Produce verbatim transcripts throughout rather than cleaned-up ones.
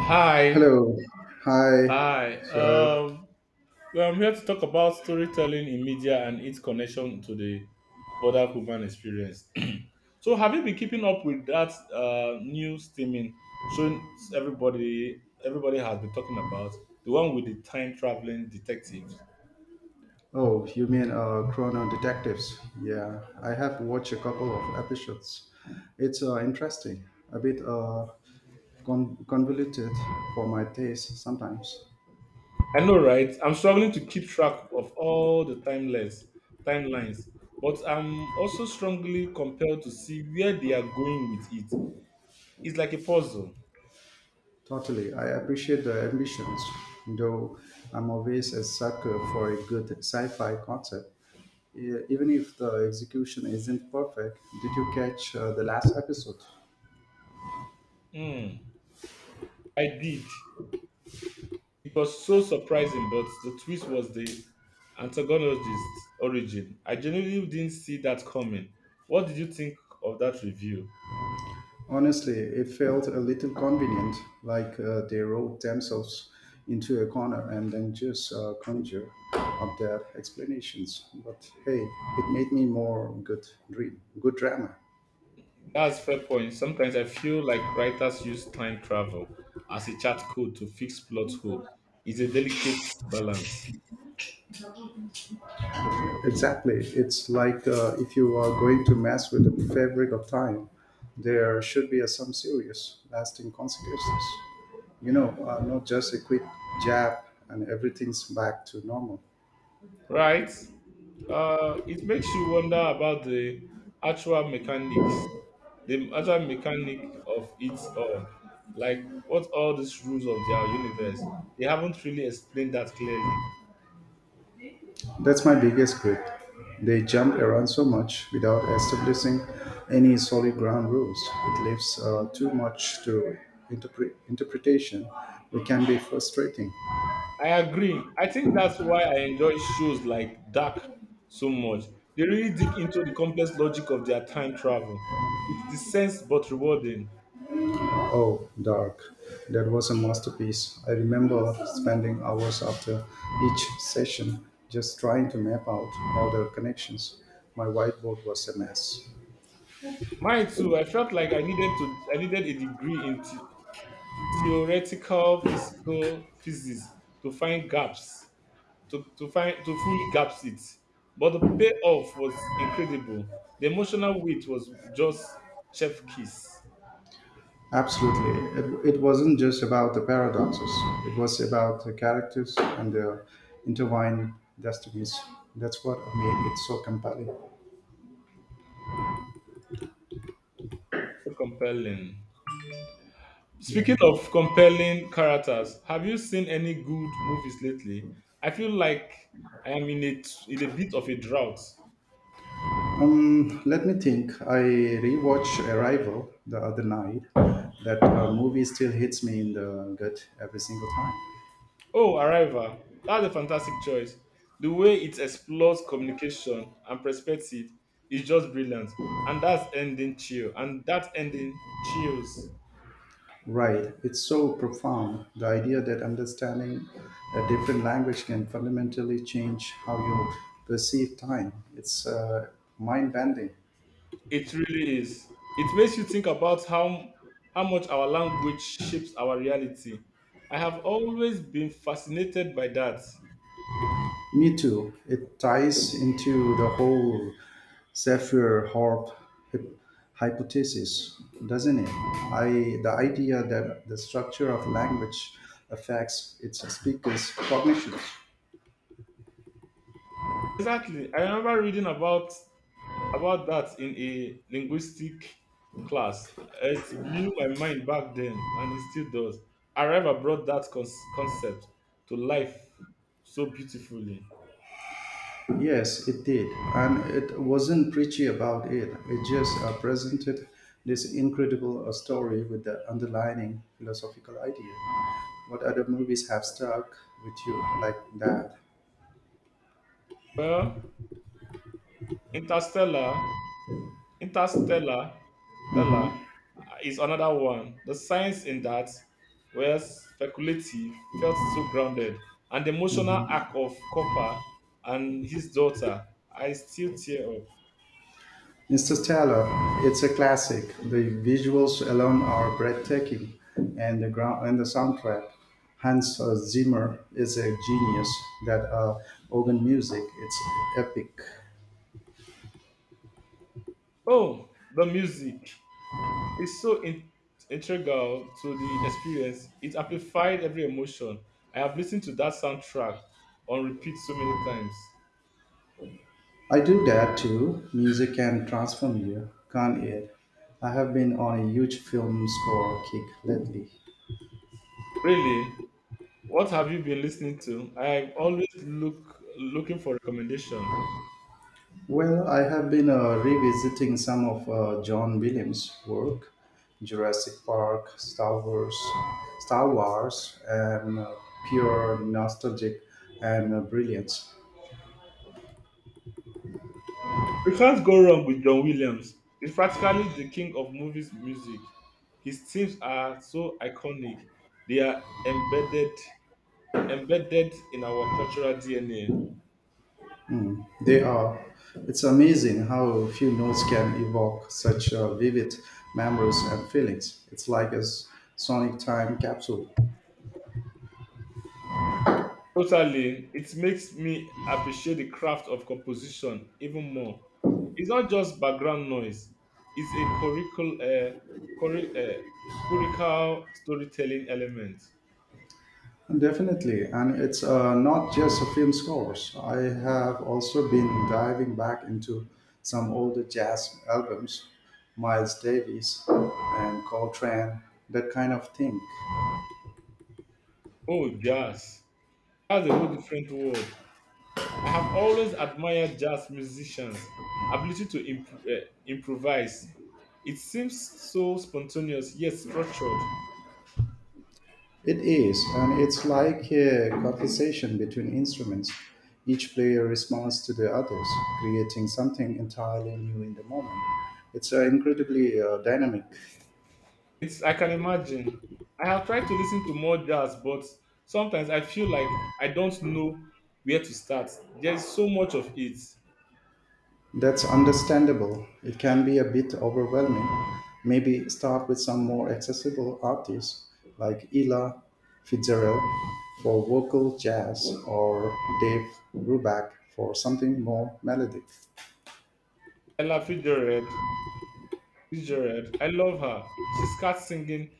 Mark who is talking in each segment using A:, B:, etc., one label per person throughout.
A: Hi.
B: Hello. Hi.
A: Hi.
B: So,
A: Um, well, I'm here to talk about storytelling in media and its connection to the border human experience. So, have you been keeping up with that uh, new streaming showing everybody everybody has been talking about, the one with the time traveling detectives?
B: oh, you mean uh, Chrono Detectives? Yeah, I have watched a couple of episodes. It's uh, interesting, a bit uh, con- convoluted for my taste sometimes.
A: I know, right? I'm struggling to keep track of all the timeless timelines, but I'm also strongly compelled to see where they are going with it. It's like a puzzle.
B: Totally, I appreciate the ambitions, though I'm always a sucker for a good sci-fi concept. E- Even if the execution isn't perfect, did you catch uh, the last episode?
A: Hmm. I did. It was so surprising, but the twist was the antagonist's origin. I genuinely didn't see that coming. What did you think of that review?
B: Honestly, it felt a little convenient, like uh, they wrote themselves into a corner and then just uh, conjure up their explanations. But hey, it made me more good dream, good drama.
A: That's fair point. Sometimes I feel like writers use time travel as a chat code to fix plot hole. It's a delicate balance,
B: Exactly, it's like uh, if you are going to mess with the fabric of time, there should be uh, some serious, lasting consequences. You know, uh, not just a quick jab and everything's back to normal.
A: right? Uh, it makes you wonder about the actual mechanics the actual mechanic of it all. Like, what all these rules of their universe? They haven't really explained that clearly.
B: That's my biggest grip. They jump around so much without establishing any solid ground rules. It leaves uh, too much to interpre- interpretation. It can be frustrating.
A: I agree. I think that's why I enjoy shows like Dark so much. They really dig into the complex logic of their time travel. It's the sense but rewarding.
B: Oh, Dark. That was a masterpiece. I remember spending hours after each session just trying to map out all the connections. My whiteboard was a mess.
A: Mine too. I felt like I needed to. I needed a degree in the- theoretical physical physics to find gaps to, to find to fully grasp it. But the payoff was incredible. The emotional weight was just chef kiss.
B: Absolutely. It, it wasn't just about the paradoxes, it was about the characters and their intertwined destinies. That's what made it so compelling.
A: So compelling.
B: Yeah.
A: Speaking of compelling characters, have you seen any good movies lately? I feel like I am in a, in a bit of a drought.
B: Um, let me think. I rewatched Arrival the other night. That uh, movie still hits me in the gut every single time.
A: Oh, Arrival. That's a fantastic choice. The way it explores communication and perspective is just brilliant. And that's ending chill. And that ending chills.
B: Right. It's so profound. The idea that understanding a different language can fundamentally change how you perceive time. It's uh, mind bending.
A: It really is. It makes you think about how how much our language shapes our reality. I have always been fascinated by that.
B: Me too. It ties into the whole Sapphire Horp hy- hypothesis, doesn't it? I The idea that the structure of language affects its speaker's cognitions.
A: Exactly. I remember reading about about that in a linguistic class. It blew my mind back then, and it still does. Arriva brought that con- concept to life so beautifully.
B: Yes, it did, and it wasn't preachy about it. It just uh, presented this incredible uh, story with the underlining philosophical idea. What other movies have stuck with you like that?
A: Well, Interstellar Interstellar Interstellar uh, is another one. The science in that were speculative, felt so grounded, and the emotional arc of Copper and his daughter, I still tear up.
B: Interstellar, it's a classic. The visuals alone are breathtaking, and the ground and the soundtrack. Hans uh, Zimmer is a genius. That uh, organ music, it's epic.
A: Oh, the music is so in- integral to the experience. It amplified every emotion. I have listened to that soundtrack on repeat so many times.
B: I do that too. Music can transform you, can't it? I have been on a huge film score kick lately.
A: Really, what have you been listening to? I'm always look looking for recommendation.
B: Well, I have been uh, revisiting some of uh, John Williams' work, Jurassic Park, Star Wars, Star Wars, and uh, pure nostalgic and uh, brilliance.
A: You can't go wrong with John Williams. He's practically the king of movies music. His themes are so iconic. They are embedded embedded in our cultural D N A.
B: They are. It's amazing how few notes can evoke such uh, vivid memories and feelings. It's like a s- sonic time capsule.
A: Totally, it makes me appreciate the craft of composition even more. It's not just background noise. It's a curricul, uh, curri- uh, curricular storytelling element.
B: Definitely, and it's uh, not just a film scores. I have also been diving back into some older jazz albums, Miles Davis and Coltrane, that kind of thing.
A: Oh, jazz. That's a whole different world. I have always admired jazz musicians' ability to imp- uh, improvise. It seems so spontaneous yet structured.
B: It is, and it's like a conversation between instruments. Each player responds to the others, creating something entirely new in the moment. It's uh, incredibly uh, dynamic.
A: It's, I can imagine. I have tried to listen to more jazz, but sometimes I feel like I don't know where to start. There's so much of it.
B: That's understandable. It can be a bit overwhelming. Maybe start with some more accessible artists like Ella Fitzgerald for vocal jazz or Dave Brubeck for something more melodic.
A: Ella Fitzgerald, Fitzgerald, I love her. She's scat singing.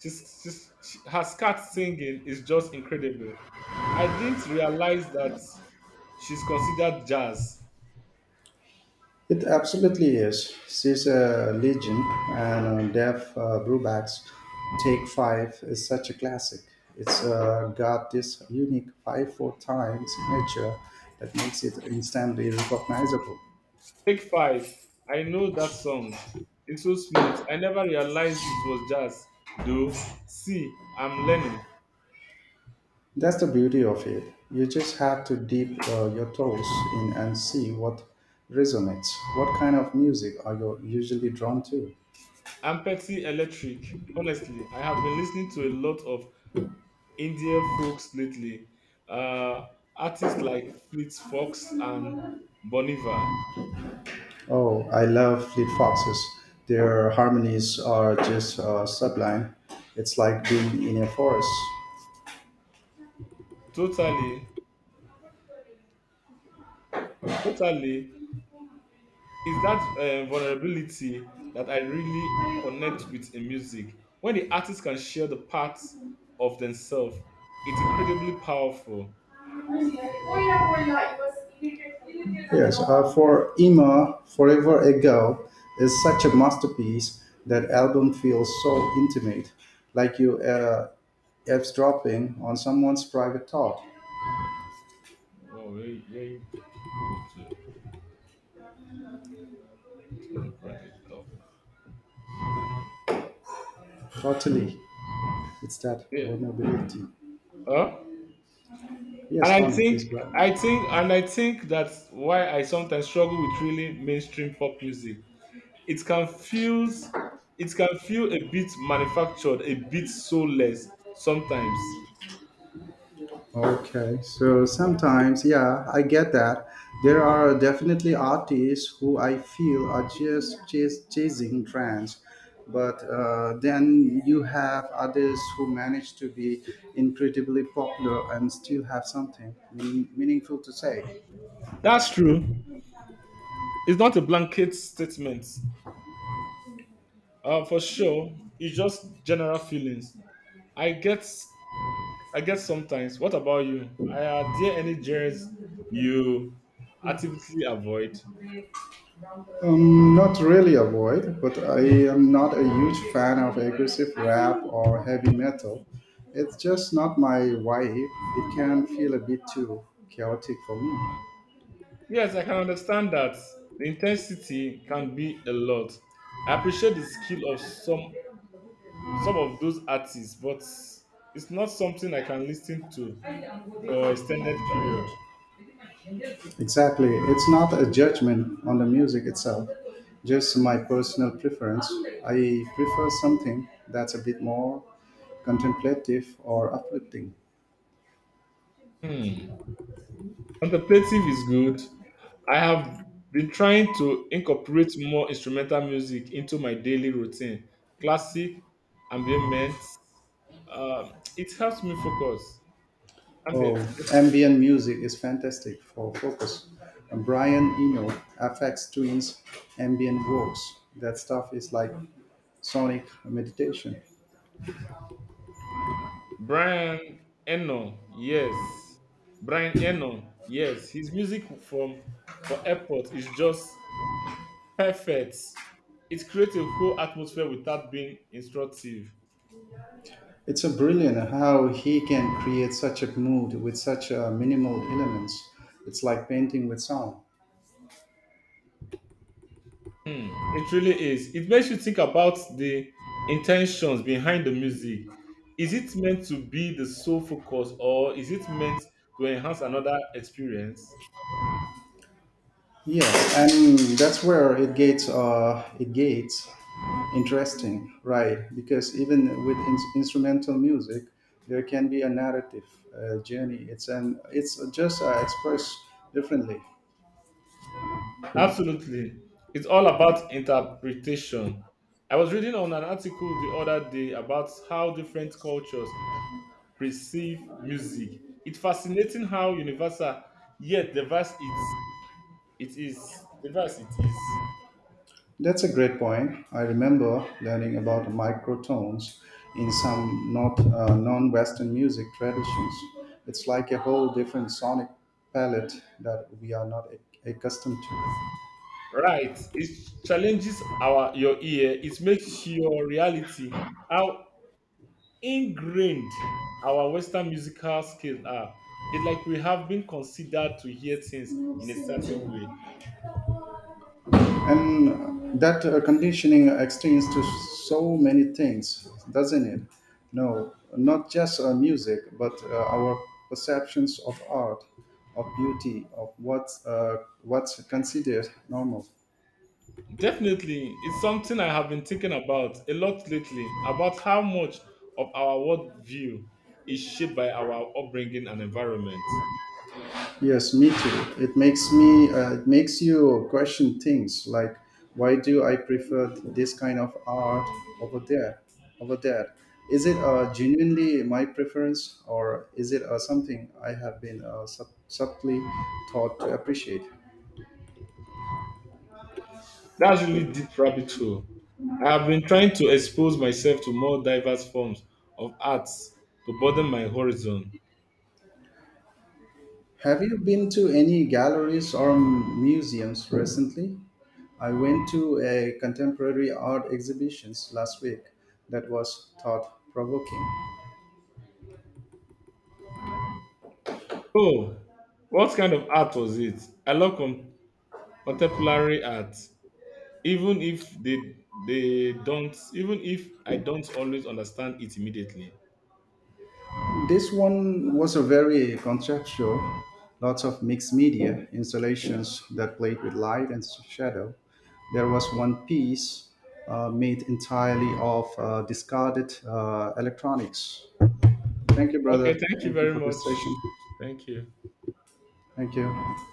A: She's, she's, she, her scat singing is just incredible. I didn't realize that she's considered jazz.
B: It absolutely is. She's a legend, and uh, Dave uh, Brubeck's Take Five is such a classic. It's uh, got this unique five four time signature that makes it instantly recognizable.
A: Take five. I know that song. It's so smooth. I never realized it was jazz, though. See, I'm learning.
B: That's the beauty of it. You just have to dip uh, your toes in and see what resonates. What kind of music are you usually drawn to?
A: I'm petty electric. Honestly, I have been listening to a lot of Indian folks lately. Uh, artists like Fleet Fox and Boniva.
B: Oh, I love Fleet Foxes. Their harmonies are just uh, sublime. It's like being in a forest.
A: Totally, totally. It's that uh, vulnerability that I really connect with in music. When the artist can share the parts of themselves, it's incredibly powerful.
B: Yes, uh, for Emma, Forever Ago is such a masterpiece. That album feels so intimate, like you uh, eavesdropping on someone's private thought.
A: Wow, very, very good. uh, um, practical.
B: Totally, it's that
A: Yeah.
B: vulnerability.
A: Huh? And
B: Yes,
A: I
B: Tony, please go
A: think,
B: ahead.
A: I think, and I think that's why I sometimes struggle with really mainstream pop music. It can feels, it can feel a bit manufactured, a bit soulless sometimes.
B: Okay, so sometimes, yeah, I get that. There are definitely artists who I feel are just chas- chasing trends, but uh, then you have others who manage to be incredibly popular and still have something meaning- meaningful to say.
A: That's true. It's not a blanket statement, uh, for sure. It's just general feelings. I get, I get sometimes. What about you? Are there any genres you actively avoid?
B: Um, not really avoid, but I am not a huge fan of aggressive rap or heavy metal. It's just not my vibe. It can feel a bit too chaotic for me.
A: Yes, I can understand that the intensity can be a lot. I appreciate the skill of some some of those artists, but it's not something I can listen to for extended period.
B: Exactly. It's not a judgment on the music itself, just my personal preference. I prefer something that's a bit more contemplative or uplifting.
A: Hmm. Contemplative is good. I have been trying to incorporate more instrumental music into my daily routine. Classic, ambient, um, it helps me focus. Ambient,
B: Oh,
A: helps me focus.
B: ambient music is fantastic for focus. And Brian Eno, F X Twins, ambient works. That stuff is like sonic meditation.
A: Brian Eno, yes. Brian Eno, yes. His music from for airport is just perfect. It creates a whole atmosphere without being instructive.
B: It's a brilliant how he can create such a mood with such uh, minimal elements. It's like painting with sound.
A: Hmm. It really is. It makes you think about the intentions behind the music. Is it meant to be the sole focus or is it meant to enhance another experience?
B: Yes, and that's where it gets uh, it gets interesting, right? Because even with in- instrumental music, there can be a narrative uh, journey. It's an it's just uh, expressed differently.
A: Absolutely. It's all about interpretation. I was reading on an article the other day about how different cultures perceive music. It's fascinating how universal yet diverse it, it is. Diverse it is.
B: That's a great point. I remember learning about microtones in some not uh, non-Western music traditions. It's like a whole different sonic palette that we are not ac- accustomed
A: Right. It challenges our your ear. It makes your reality how ingrained our Western musical skills are. It's like we have been considered to hear things in a certain
B: to.
A: way.
B: And that uh, conditioning extends to so many things, doesn't it? No, not just uh, music, but uh, our perceptions of art, of beauty, of what's, uh, what's considered normal.
A: Definitely, it's something I have been thinking about a lot lately about how much of our worldview is shaped by our upbringing and environment.
B: Yes, me too. It makes me, uh, it makes you question things like, why do I prefer this kind of art over there, over there? Is it uh, genuinely my preference, or is it uh, something I have been uh, sub- subtly taught to appreciate?
A: That's really deep rabbit hole. I have been trying to expose myself to more diverse forms of arts to broaden my horizon.
B: Have you been to any galleries or museums recently? I went to a contemporary art exhibitions last week that was thought provoking.
A: Oh, what kind of art was it? I love con- contemporary art, even if they they don't, even if I don't always understand it immediately.
B: This one was a very conceptual, lots of mixed media installations that played with light and shadow. There was one piece uh, made entirely of uh, discarded uh, electronics. Thank you,
A: Okay,
B: brother.
A: thank you
B: Thank you
A: very
B: for this
A: much.
B: session.
A: Thank you.
B: Thank you.